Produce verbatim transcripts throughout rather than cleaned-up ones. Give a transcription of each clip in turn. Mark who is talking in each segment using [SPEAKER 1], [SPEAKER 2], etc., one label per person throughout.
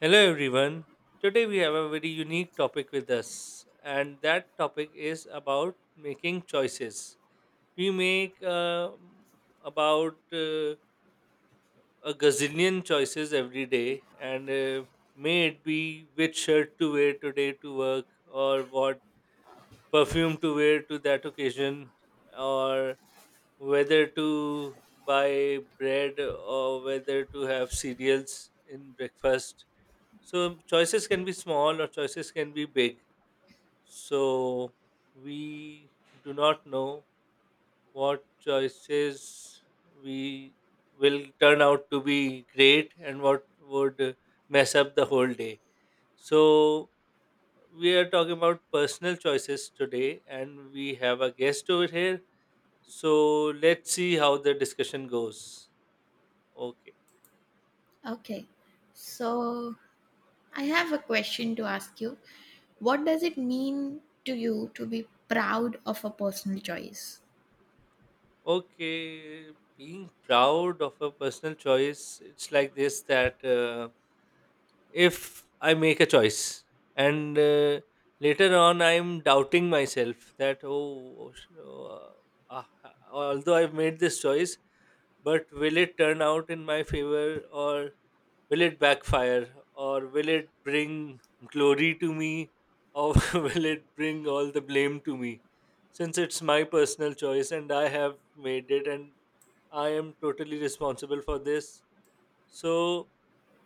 [SPEAKER 1] Hello, everyone. Today we have a very unique topic with us, and that topic is about making choices. We make uh, about uh, a gazillion choices every day, and uh, may it be which shirt to wear today to work, or what perfume to wear to that occasion, or whether to buy bread or whether to have cereals in breakfast. So choices can be small or choices can be big. So we do not know what choices we will turn out to be great and what would uh, mess up the whole day. So we are talking about personal choices today and we have a guest over here. So let's see how the discussion goes. Okay.
[SPEAKER 2] Okay. So I have a question to ask you. What does it mean to you to be proud of a personal choice?
[SPEAKER 1] Okay, being proud of a personal choice, it's like this that uh, if I make a choice and uh, later on I'm doubting myself that oh, oh, sh- oh, uh, ah, ah, although I've made this choice, but will it turn out in my favor or will it backfire or will it bring glory to me or will it bring all the blame to me? Since it's my personal choice and I have made it and I am totally responsible for this. So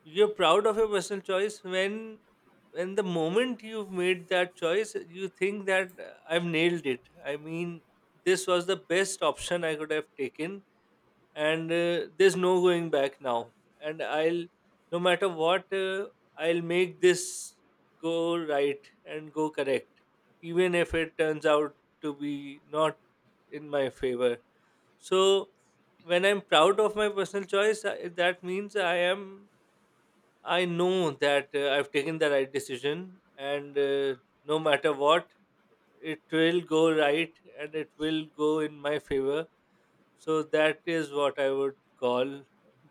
[SPEAKER 1] you're proud of your personal choice when when the moment you've made that choice, you think that uh, I've nailed it. I mean, this was the best option I could have taken, and uh, there's no going back now. And I'll, no matter what, uh, I'll make this go right and go correct, even if it turns out to be not in my favor. So, when I'm proud of my personal choice, I- that means I am I know that uh, I've taken the right decision, and uh, no matter what, it will go right and it will go in my favor. So, that is what I would call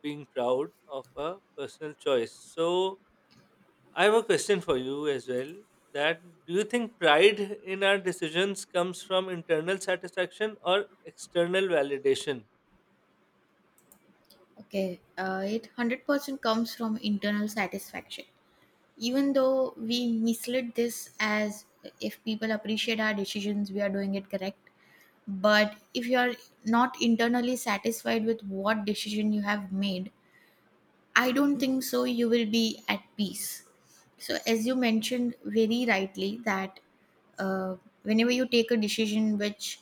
[SPEAKER 1] being proud of a personal choice. So, I have a question for you as well, that do you think pride in our decisions comes from internal satisfaction or external validation?
[SPEAKER 2] Okay. Uh, it one hundred percent comes from internal satisfaction. Even though we mislead this as if people appreciate our decisions, we are doing it correct. But if you are not internally satisfied with what decision you have made, I don't think so you will be at peace. So, as you mentioned very rightly, that uh, whenever you take a decision which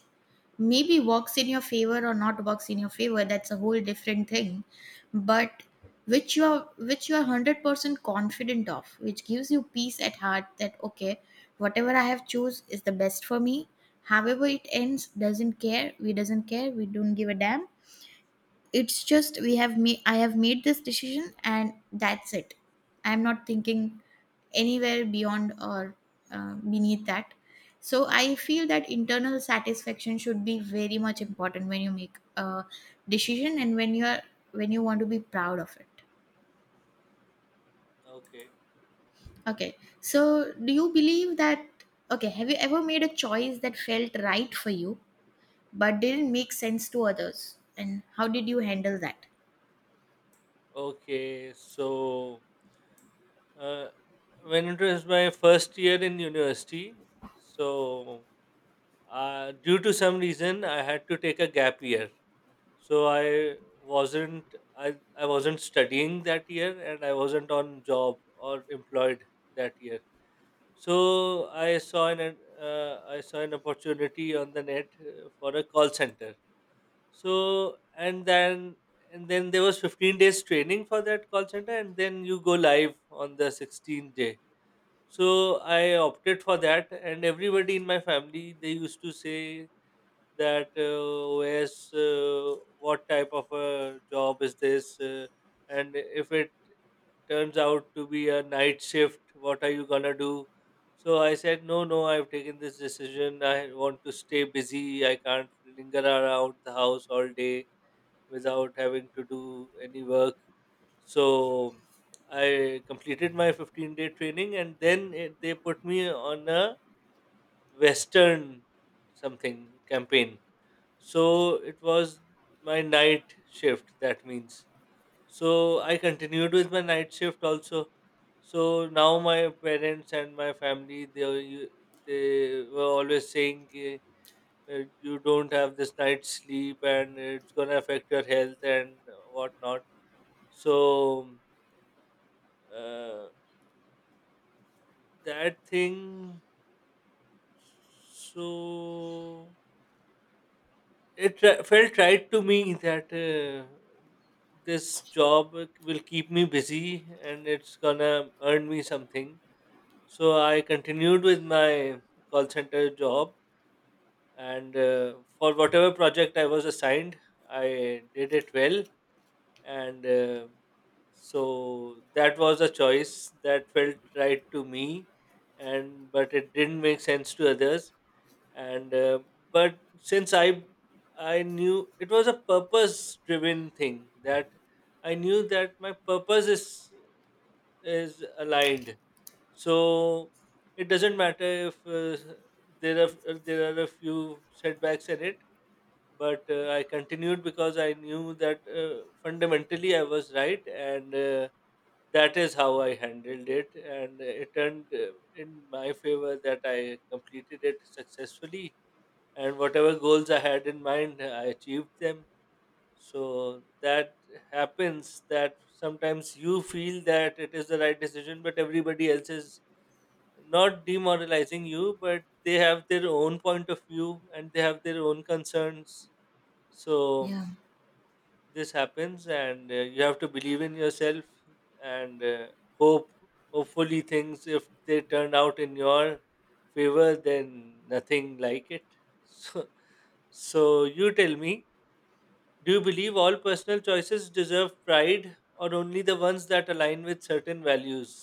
[SPEAKER 2] maybe works in your favor or not works in your favor, that's a whole different thing, but which you are which you are one hundred percent confident of, which gives you peace at heart that okay, whatever I have chose is the best for me. However it ends, doesn't care, we doesn't care, we don't give a damn. It's just we have made, I have made this decision and that's it. I'm not thinking anywhere beyond or uh, beneath that. So I feel that internal satisfaction should be very much important when you make a decision and when you are when you want to be proud of it.
[SPEAKER 1] Okay.
[SPEAKER 2] Okay. So do you believe that okay, have you ever made a choice that felt right for you but didn't make sense to others? And how did you handle that?
[SPEAKER 1] Okay. So, Uh, when it was my first year in university, so uh, due to some reason, I had to take a gap year. So I wasn't I, I wasn't studying that year, and I wasn't on job or employed that year. So I saw an ad- uh, I saw an opportunity on the net uh, for a call center. So and then and then there was fifteen days training for that call center, and then you go live on the sixteenth day. So I opted for that, and everybody in my family, they used to say that uh, where's uh, what type of a job is this, uh, and if it turns out to be a night shift, what are you gonna do? So I said, no, no, I've taken this decision. I want to stay busy. I can't linger around the house all day without having to do any work. So I completed my fifteen day training and then it, they put me on a Western something campaign. So it was my night shift, that means. So I continued with my night shift also. So now my parents and my family, they are u- they were always saying uh, you don't have this night's sleep and it's going to affect your health and whatnot. So, um, uh, that thing, so it tr- felt right to me that uh, this job will keep me busy and it's going to earn me something. So, I continued with my call center job and uh, for whatever project I was assigned, I did it well, and uh, so that was a choice that felt right to me and but it didn't make sense to others, and uh, but since i i knew it was a purpose driven thing, that I knew that my purpose is is aligned. So it doesn't matter if uh, there are there are a few setbacks in it, but uh, I continued because I knew that uh, fundamentally I was right, and uh, that is how I handled it, and it turned uh, in my favor, that I completed it successfully, and whatever goals I had in mind, I achieved them. So that happens, that sometimes you feel that it is the right decision, but everybody else is not demoralizing you, but they have their own point of view and they have their own concerns. So
[SPEAKER 2] Yeah.
[SPEAKER 1] this happens and uh, you have to believe in yourself and uh, hope hopefully things, if they turn out in your favor, then nothing like it. So so you tell me, do you believe all personal choices deserve pride or only the ones that align with certain values?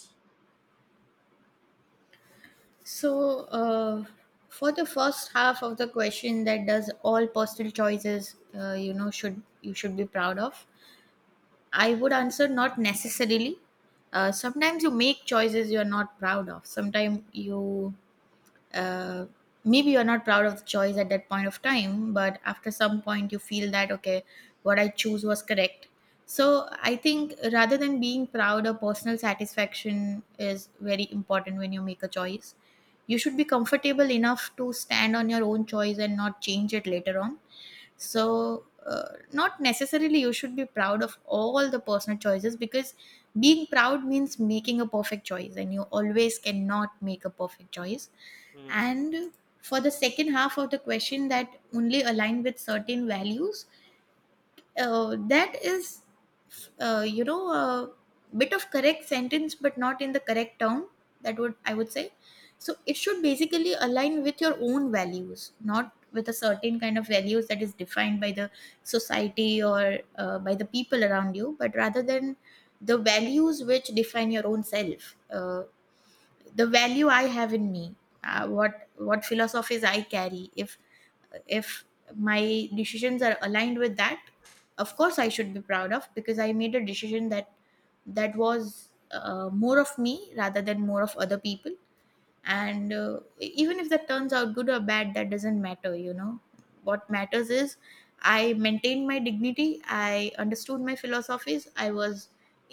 [SPEAKER 2] So, uh, for the first half of the question, that does all personal choices, uh, you know, should you should be proud of? I would answer not necessarily. Uh, sometimes you make choices you are not proud of. Sometimes you uh, Maybe you're not proud of the choice at that point of time, but after some point you feel that okay, what I choose was correct. So I think rather than being proud, or personal satisfaction is very important when you make a choice, you should be comfortable enough to stand on your own choice and not change it later on. So uh, not necessarily you should be proud of all the personal choices, because being proud means making a perfect choice, and you always cannot make a perfect choice.
[SPEAKER 1] Hmm.
[SPEAKER 2] And for the second half of the question, that only align with certain values, uh, that is uh, you know a bit of correct sentence but not in the correct term, that would, I would say. So it should basically align with your own values, not with a certain kind of values that is defined by the society, or uh, by the people around you, but rather than the values which define your own self. Uh, the value I have in me, uh, what what philosophies I carry, if if my decisions are aligned with that, of course I should be proud of, because I made a decision that that was, uh, more of me rather than more of other people. And uh, even if that turns out good or bad, that doesn't matter, you know. What matters is I maintained my dignity, I understood my philosophies, I was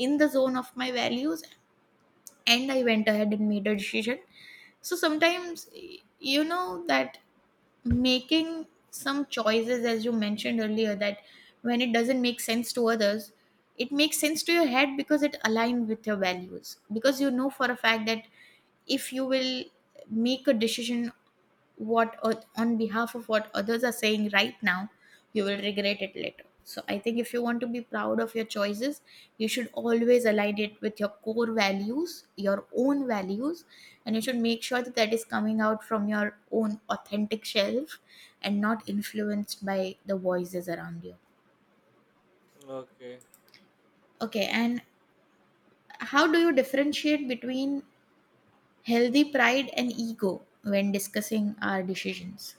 [SPEAKER 2] in the zone of my values, and I went ahead and made a decision. So sometimes, y- you know that making some choices, as you mentioned earlier, that when it doesn't make sense to others, it makes sense to your head because it aligns with your values, because you know for a fact that if you will make a decision what oth- on behalf of what others are saying right now, you will regret it later. So I think if you want to be proud of your choices, you should always align it with your core values, your own values, and you should make sure that that is coming out from your own authentic self and not influenced by the voices around you.
[SPEAKER 1] Okay,
[SPEAKER 2] Okay. And how do you differentiate between healthy pride and ego when discussing our decisions?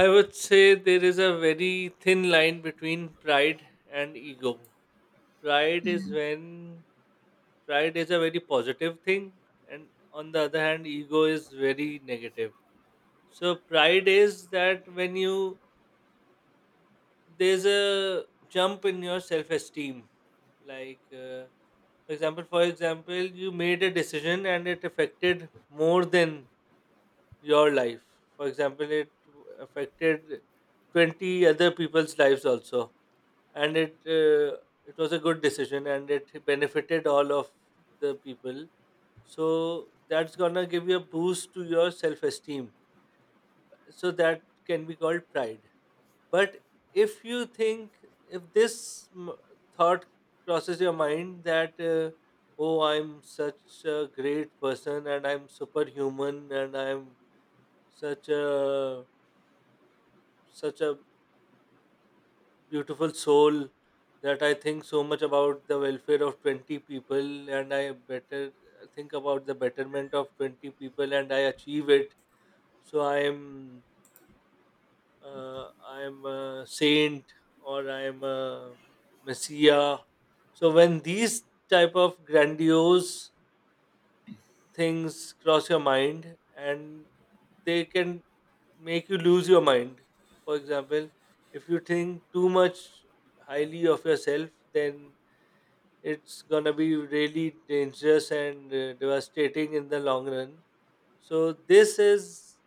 [SPEAKER 1] I would say there is a very thin line between pride and ego. pride is when Pride is a very positive thing, and on the other hand ego is very negative. So pride is that when you there's a jump in your self esteem, like uh, for example, for example you made a decision and it affected more than your life. For example, it affected twenty other people's lives also, and it uh, it was a good decision and it benefited all of the people. So that's gonna give you a boost to your self esteem. So that can be called pride. But if you think, if this m- thought crosses your mind that, uh, oh, I'm such a great person and I'm superhuman and I'm such a, such a beautiful soul, that I think so much about the welfare of twenty people, and I better think about the betterment of twenty people and I achieve it, so i am uh, I am a saint or I am a messiah. So when these type of grandiose things cross your mind, and they can make you lose your mind, for example if you think too much highly of yourself, then it's gonna be really dangerous and uh, devastating in the long run. So this is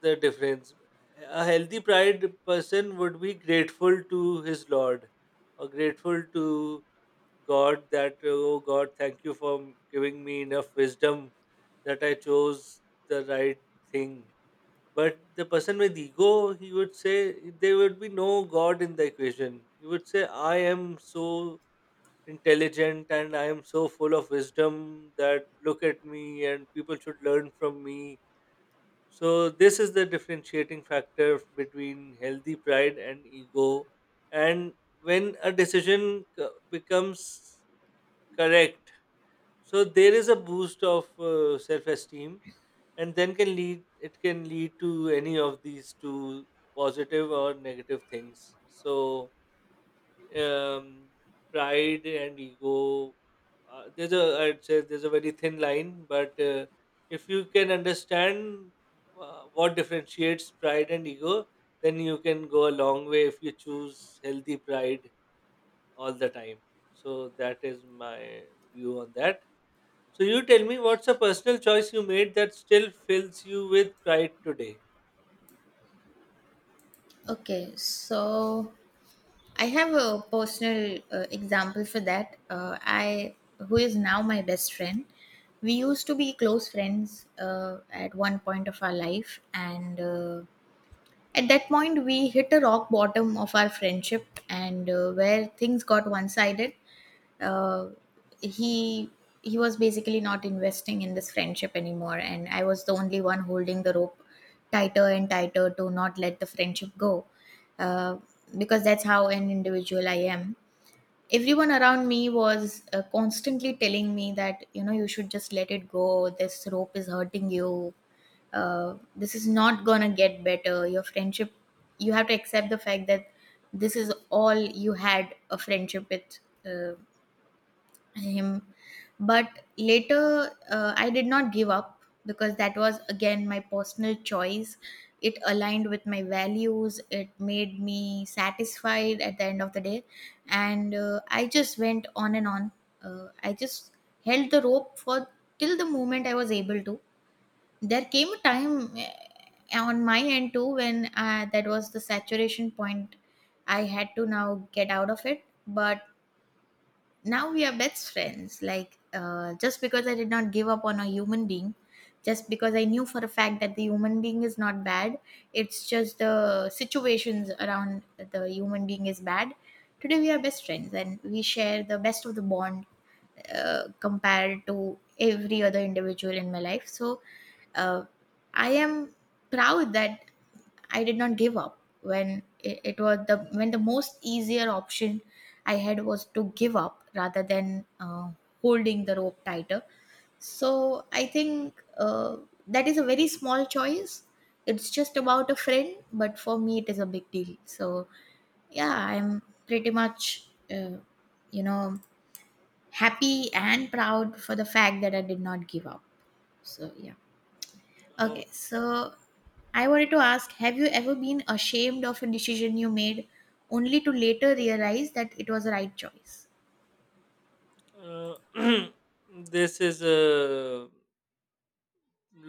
[SPEAKER 1] the difference. A healthy pride person would be grateful to his Lord, or grateful to God, that, oh God, thank you for giving me enough wisdom that I chose the right thing. But the person with ego, he would say, there would be no God in the equation. He would say, I am so intelligent and I am so full of wisdom that look at me and people should learn from me. So this is the differentiating factor between healthy pride and ego. And when a decision co- becomes correct, so there is a boost of uh, self-esteem, and then can lead it can lead to any of these two, positive or negative things. So um, pride and ego. Uh, there's a I'd say there's a very thin line, but uh, if you can understand uh, what differentiates pride and ego, then you can go a long way if you choose healthy pride all the time. So that is my view on that. So you tell me, what's a personal choice you made that still fills you with pride today?
[SPEAKER 2] Okay, so I have a personal uh, example for that. Uh, I, who is now my best friend, we used to be close friends uh, at one point of our life, and uh, at that point we hit a rock bottom of our friendship, and uh, where things got one-sided. Uh, he he was basically not investing in this friendship anymore, and I was the only one holding the rope tighter and tighter to not let the friendship go, uh, because that's how an individual I am. Everyone around me was uh, constantly telling me that, you know, you should just let it go, this rope is hurting you, uh, this is not gonna get better, your friendship, you have to accept the fact that this is all you had a friendship with, uh, him. But later, uh, I did not give up, because that was again my personal choice. It aligned with my values, it made me satisfied at the end of the day, and uh, I just went on and on. Uh, i just held the rope for, till the moment I was able to. There came a time, eh, on my end too, when uh, that was the saturation point, I had to now get out of it. But now we are best friends, like, uh, just because I did not give up on a human being, just because I knew for a fact that the human being is not bad, it's just the situations around the human being is bad. Today we are best friends and we share the best of the bond, uh, compared to every other individual in my life. So uh, i am proud that I did not give up when it, it was the, when the most easier option I had was to give up rather than uh, holding the rope tighter. So I think uh, that is a very small choice. It's just about a friend, but for me it is a big deal. So yeah, I'm pretty much uh, you know happy and proud for the fact that I did not give up. So yeah. Okay,
[SPEAKER 1] Oh,
[SPEAKER 2] so I wanted to ask, have you ever been ashamed of a decision you made only to later realize that it was the right choice?
[SPEAKER 1] uh, this is a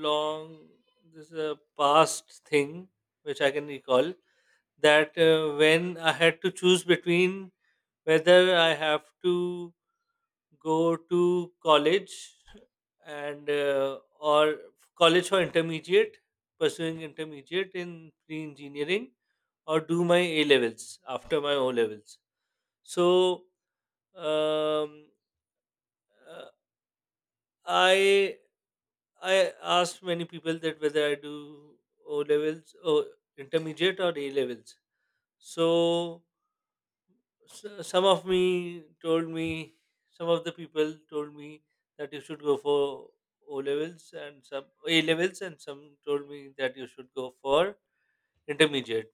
[SPEAKER 1] long this is a past thing which I can recall, that uh, when I had to choose between whether I have to go to college and uh, or college for intermediate pursuing intermediate in pre engineering, or do my A levels after my O levels. So um, uh, I I asked many people that whether I do O levels or intermediate or A levels. So s- some of me told me, some of the people told me that you should go for O levels, and some A levels, and some told me that you should go for intermediate.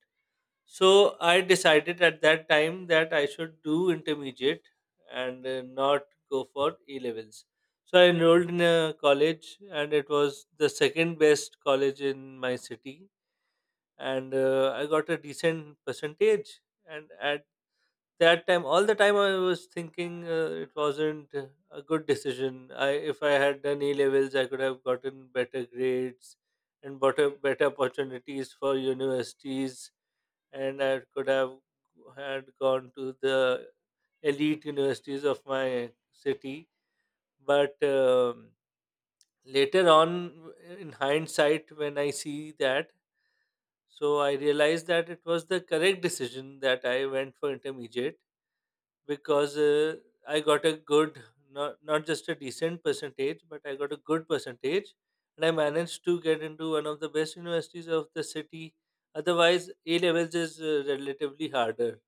[SPEAKER 1] So I decided at that time that I should do intermediate and uh, not go for A levels. So I enrolled in a college, and it was the second best college in my city, and uh, I got a decent percentage. And at that time, all the time, I was thinking uh, it wasn't uh, a good decision. I, if I had done A levels, I could have gotten better grades and better better opportunities for universities, and I could have had gone to the elite universities of my city. But um, later on, in hindsight, when I see that, so I realized that it was the correct decision that I went for intermediate, because uh, I got a good, not, not just a decent percentage, but I got a good percentage. And I managed to get into one of the best universities of the city. Otherwise, A levels is uh, relatively harder.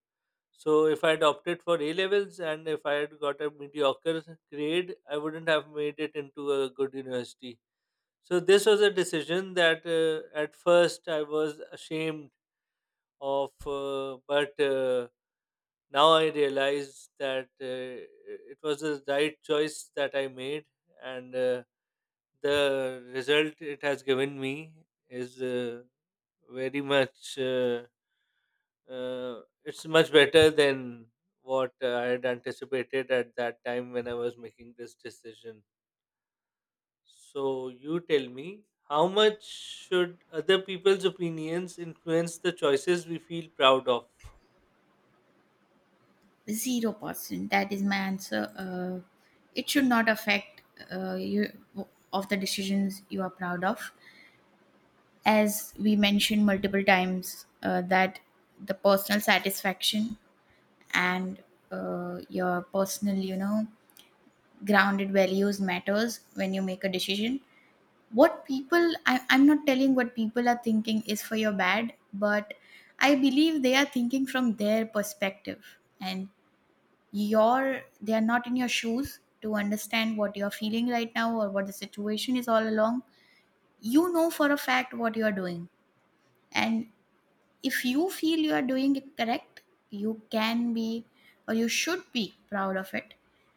[SPEAKER 1] So if I had opted for A levels and if I had got a mediocre grade, I wouldn't have made it into a good university. So this was a decision that uh, at first I was ashamed of, uh, but uh, now I realize that uh, it was the right choice that I made, and uh, the result it has given me is uh, very much. Uh, uh, it's much better than what uh, I had anticipated at that time when I was making this decision. So, you tell me, how much should other people's opinions influence the choices we feel proud of?
[SPEAKER 2] Zero percent. That is my answer. Uh, it should not affect uh, you of the decisions you are proud of. As we mentioned multiple times, uh, that the personal satisfaction and uh, your personal, you know, grounded values matters when you make a decision. what people I, I'm not telling what people are thinking is for your bad, but I believe they are thinking from their perspective, and your they are not in your shoes to understand what you're feeling right now or what the situation is all along. You know for a fact what you are doing, and if you feel you are doing it correct, you can be or you should be proud of it,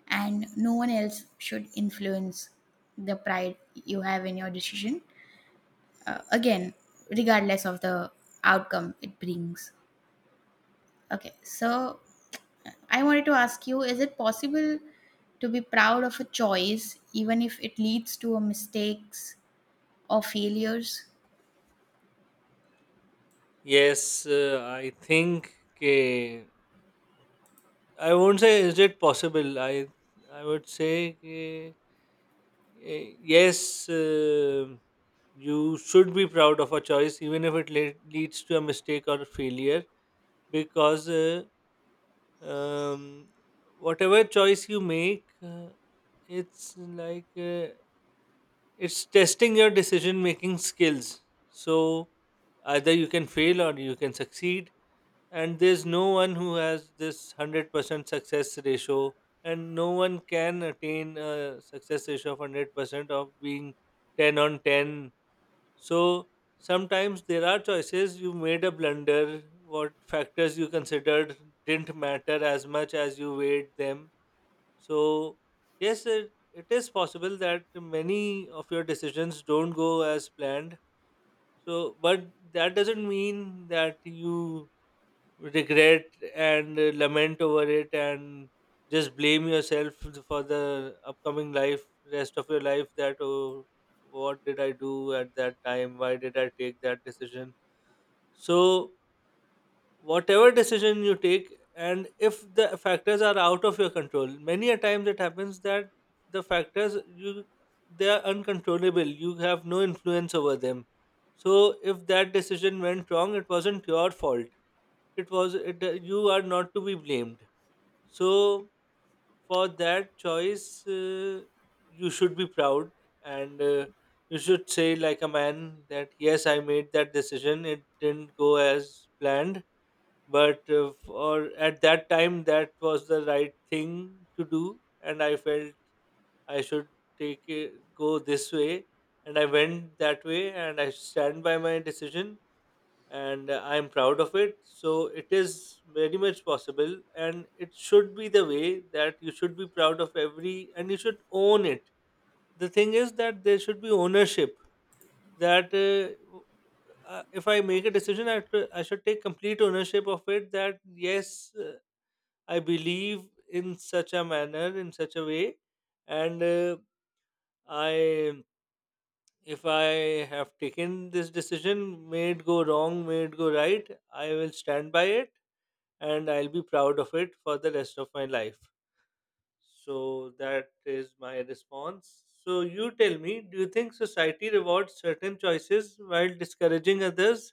[SPEAKER 2] and no one else should influence the pride you have in your decision. Uh, again, regardless of the outcome it brings. Okay, so I wanted to ask you, is it possible to be proud of a choice even if it leads to a mistakes or failures?
[SPEAKER 1] Yes, uh, I think के- I won't say is it possible. I I would say कि, eh, yes, uh, you should be proud of a choice, even if it le- leads to a mistake or failure. because uh, um, whatever choice you make, uh, it's like uh, it's testing your decision making skills. So either you can fail or you can succeed, and there's no one who has this one hundred percent success ratio, and no one can attain a success ratio of one hundred percent of being ten on ten. So sometimes there are choices you made a blunder, what factors you considered didn't matter as much as you weighed them. So, yes, it, it is possible that many of your decisions don't go as planned. So, but that doesn't mean that you regret and uh, lament over it and just blame yourself for the upcoming life, rest of your life, that, oh, what did I do at that time, why did I take that decision? So whatever decision you take, and if the factors are out of your control, many a times it happens that the factors you, they are uncontrollable, you have no influence over them. So if that decision went wrong, it wasn't your fault. It was it, uh, you are not to be blamed. So for that choice, uh, you should be proud. And uh, you should say, like a man, that yes, I made that decision, it didn't go as planned, but uh, for at that time that was the right thing to do. And I felt I should take it, go this way, and I went that way, and I stand by my decision. And uh, I'm proud of it. So it is very much possible, and it should be the way that you should be proud of every and you should own it. The thing is that there should be ownership. That uh, w- uh, if I make a decision, I, t- I should take complete ownership of it. That yes, uh, I believe in such a manner, in such a way, and uh, I if I have taken this decision, may it go wrong, may it go right, I will stand by it, and I'll be proud of it for the rest of my life. So that is my response. So you tell me, do you think society rewards certain choices while discouraging others?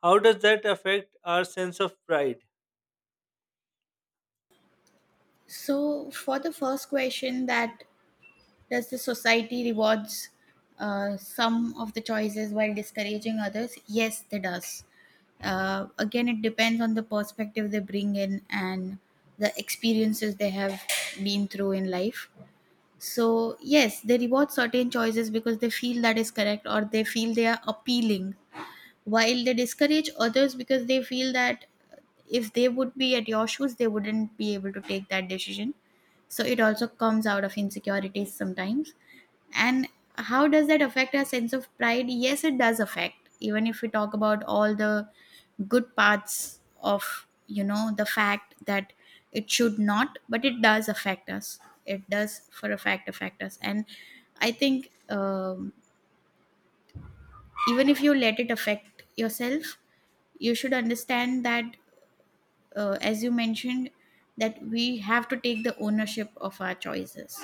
[SPEAKER 1] How does that affect our sense of pride?
[SPEAKER 2] So for the first question, that does the society rewards uh, some of the choices while discouraging others, yes they does. Uh, again, it depends on the perspective they bring in and the experiences they have been through in life. So yes, they reward certain choices because they feel that is correct or they feel they are appealing, while they discourage others because they feel that if they would be at your shoes, they wouldn't be able to take that decision. So it also comes out of insecurities sometimes. And how does that affect our sense of pride? Yes, it does affect. Even if we talk about all the good parts of, you know, the fact that it should not, but it does affect us. It does for a fact affect us. And I think, um, even if you let it affect yourself, you should understand that, uh, as you mentioned, that we have to take the ownership of our choices.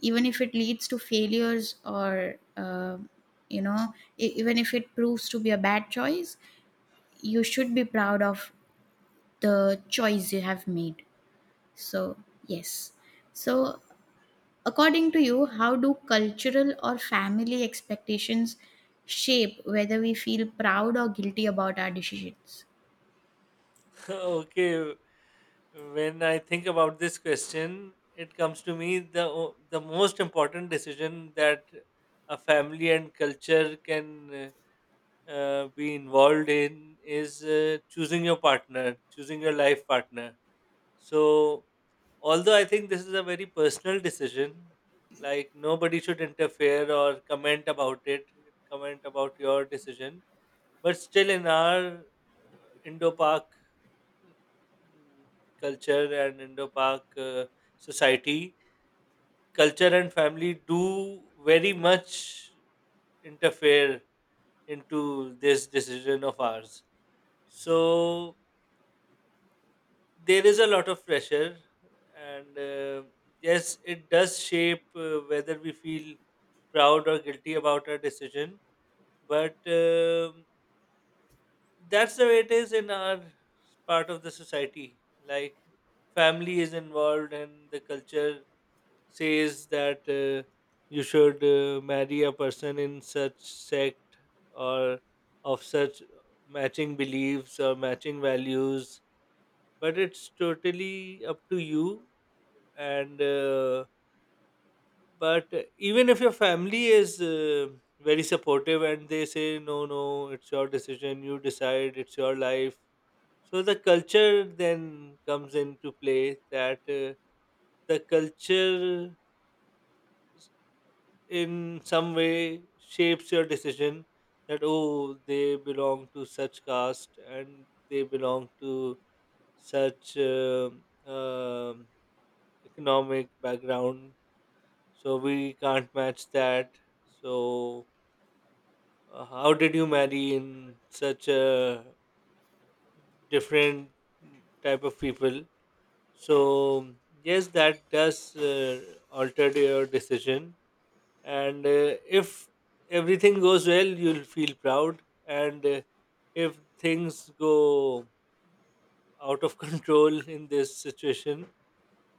[SPEAKER 2] Even if it leads to failures, or uh, you know e- even if it proves to be a bad choice, you should be proud of the choice you have made. So yes. So according to you, how do cultural or family expectations shape whether we feel proud or guilty about our decisions?
[SPEAKER 1] Okay, when I think about this question, it comes to me the o- the most important decision that a family and culture can uh, be involved in is uh, choosing your partner, choosing your life partner. So, although I think this is a very personal decision, like nobody should interfere or comment about it, comment about your decision. But still, in our uh, Indo Pak mm, culture and Indo Pak uh, society, culture and family do very much interfere into this decision of ours. So, there is a lot of pressure, and uh, yes, it does shape uh, whether we feel proud or guilty about our decision. But um that's the way it is in our part of the society. Like, family is involved, and the culture says that uh, you should uh, marry a person in such sect or of such matching beliefs or matching values. But it's totally up to you. And uh, but even if your family is uh, very supportive, and they say, no, no, it's your decision, you decide, it's your life. So the culture then comes into play that uh, the culture in some way shapes your decision. That, oh, they belong to such caste, and they belong to such um um economic background, so we can't match that. So, uh, how did you marry in such a different type of people? So, yes, that does uh, alter your decision. And uh, if everything goes well, you'll feel proud. And uh, if things go out of control in this situation,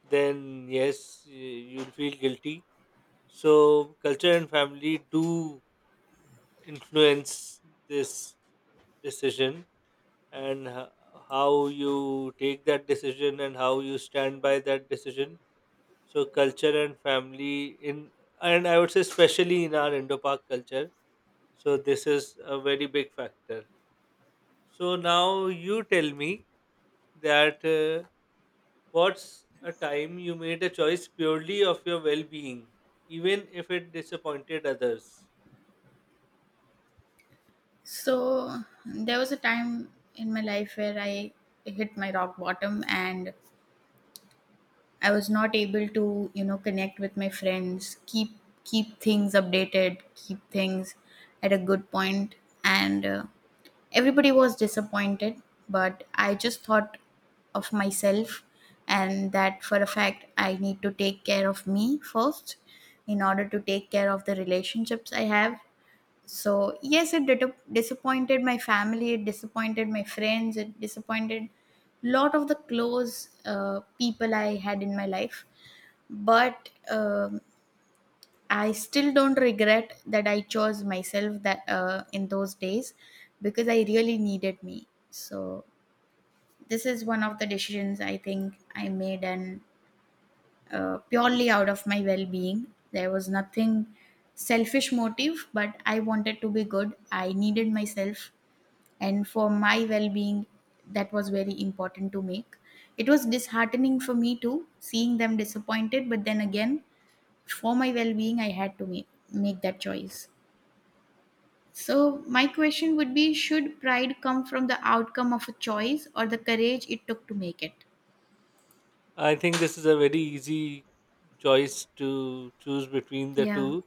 [SPEAKER 1] then yes, y- you'll feel guilty. So culture and family do influence this decision, and h- how you take that decision and how you stand by that decision. So culture and family in and I would say especially in our Indo-Pak culture. So this is a very big factor. So now you tell me that, uh, what's a time you made a choice purely of your well-being, even if it disappointed others?
[SPEAKER 2] So, there was a time in my life where I hit my rock bottom, and I was not able to, you know, connect with my friends, keep keep things updated, keep things at a good point, and uh, everybody was disappointed. But I just thought of myself, and that for a fact, I need to take care of me first in order to take care of the relationships I have. So yes, it dit- disappointed my family. It disappointed my friends. It disappointed lot of the close uh, people I had in my life. But um, I still don't regret that I chose myself, that uh, in those days, because I really needed me. So this is one of the decisions I think I made, and uh, purely out of my well-being. There was nothing selfish motive, but I wanted to be good. I needed myself, and for my well-being that was very important to make. It was disheartening for me too, seeing them disappointed, but then again, for my well-being I had to make, make that choice. So my question would be, should pride come from the outcome of a choice or the courage it took to make it?
[SPEAKER 1] I think this is a very easy choice to choose between the
[SPEAKER 2] Yeah.
[SPEAKER 1] two.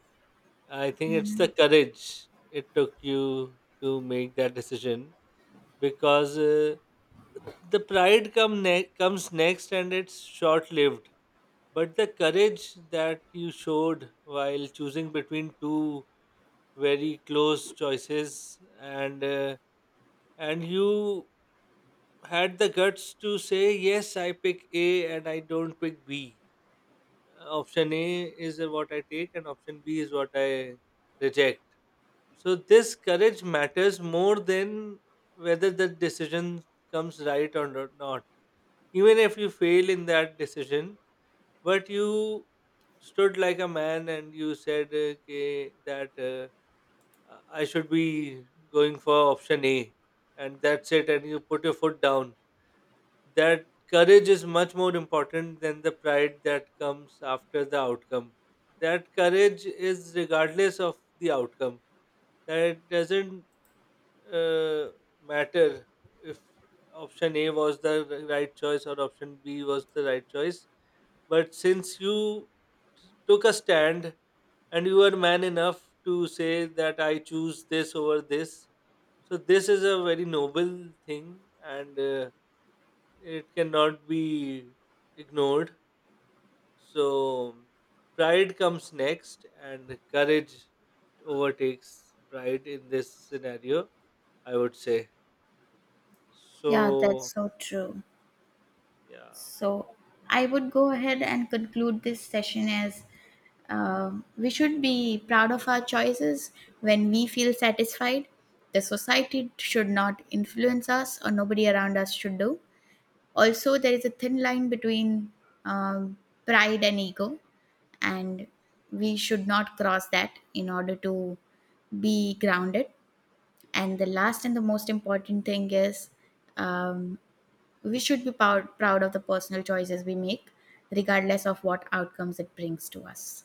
[SPEAKER 1] I think it's
[SPEAKER 2] Hmm.
[SPEAKER 1] the courage it took you to make that decision, because uh, the pride come ne- comes next, and it's short lived. But the courage that you showed while choosing between two very close choices, and uh, and you had the guts to say, yes, I pick A and I don't pick B, option A is what I take and option B is what I reject. So this courage matters more than whether the decision comes right or no- not. Even if you fail in that decision, but you stood like a man and you said, uh, "Okay, that, uh, I should be going for option A," and that's it, and you put your foot down, that courage is much more important than the pride that comes after the outcome. That courage is regardless of the outcome. That doesn't uh, matter if option A was the right choice or option B was the right choice. But since you took a stand and you were man enough to say that I choose this over this, so this is a very noble thing, and uh, it cannot be ignored. So pride comes next, and courage overtakes pride in this scenario, I would say.
[SPEAKER 2] Yeah,
[SPEAKER 1] So,
[SPEAKER 2] that's so true.
[SPEAKER 1] yeah.
[SPEAKER 2] So I would go ahead and conclude this session as, Uh, we should be proud of our choices when we feel satisfied. The society should not influence us, or nobody around us should do. Also, there is a thin line between um, pride and ego, and we should not cross that in order to be grounded. And the last and the most important thing is, um, we should be proud, proud of the personal choices we make, regardless of what outcomes it brings to us.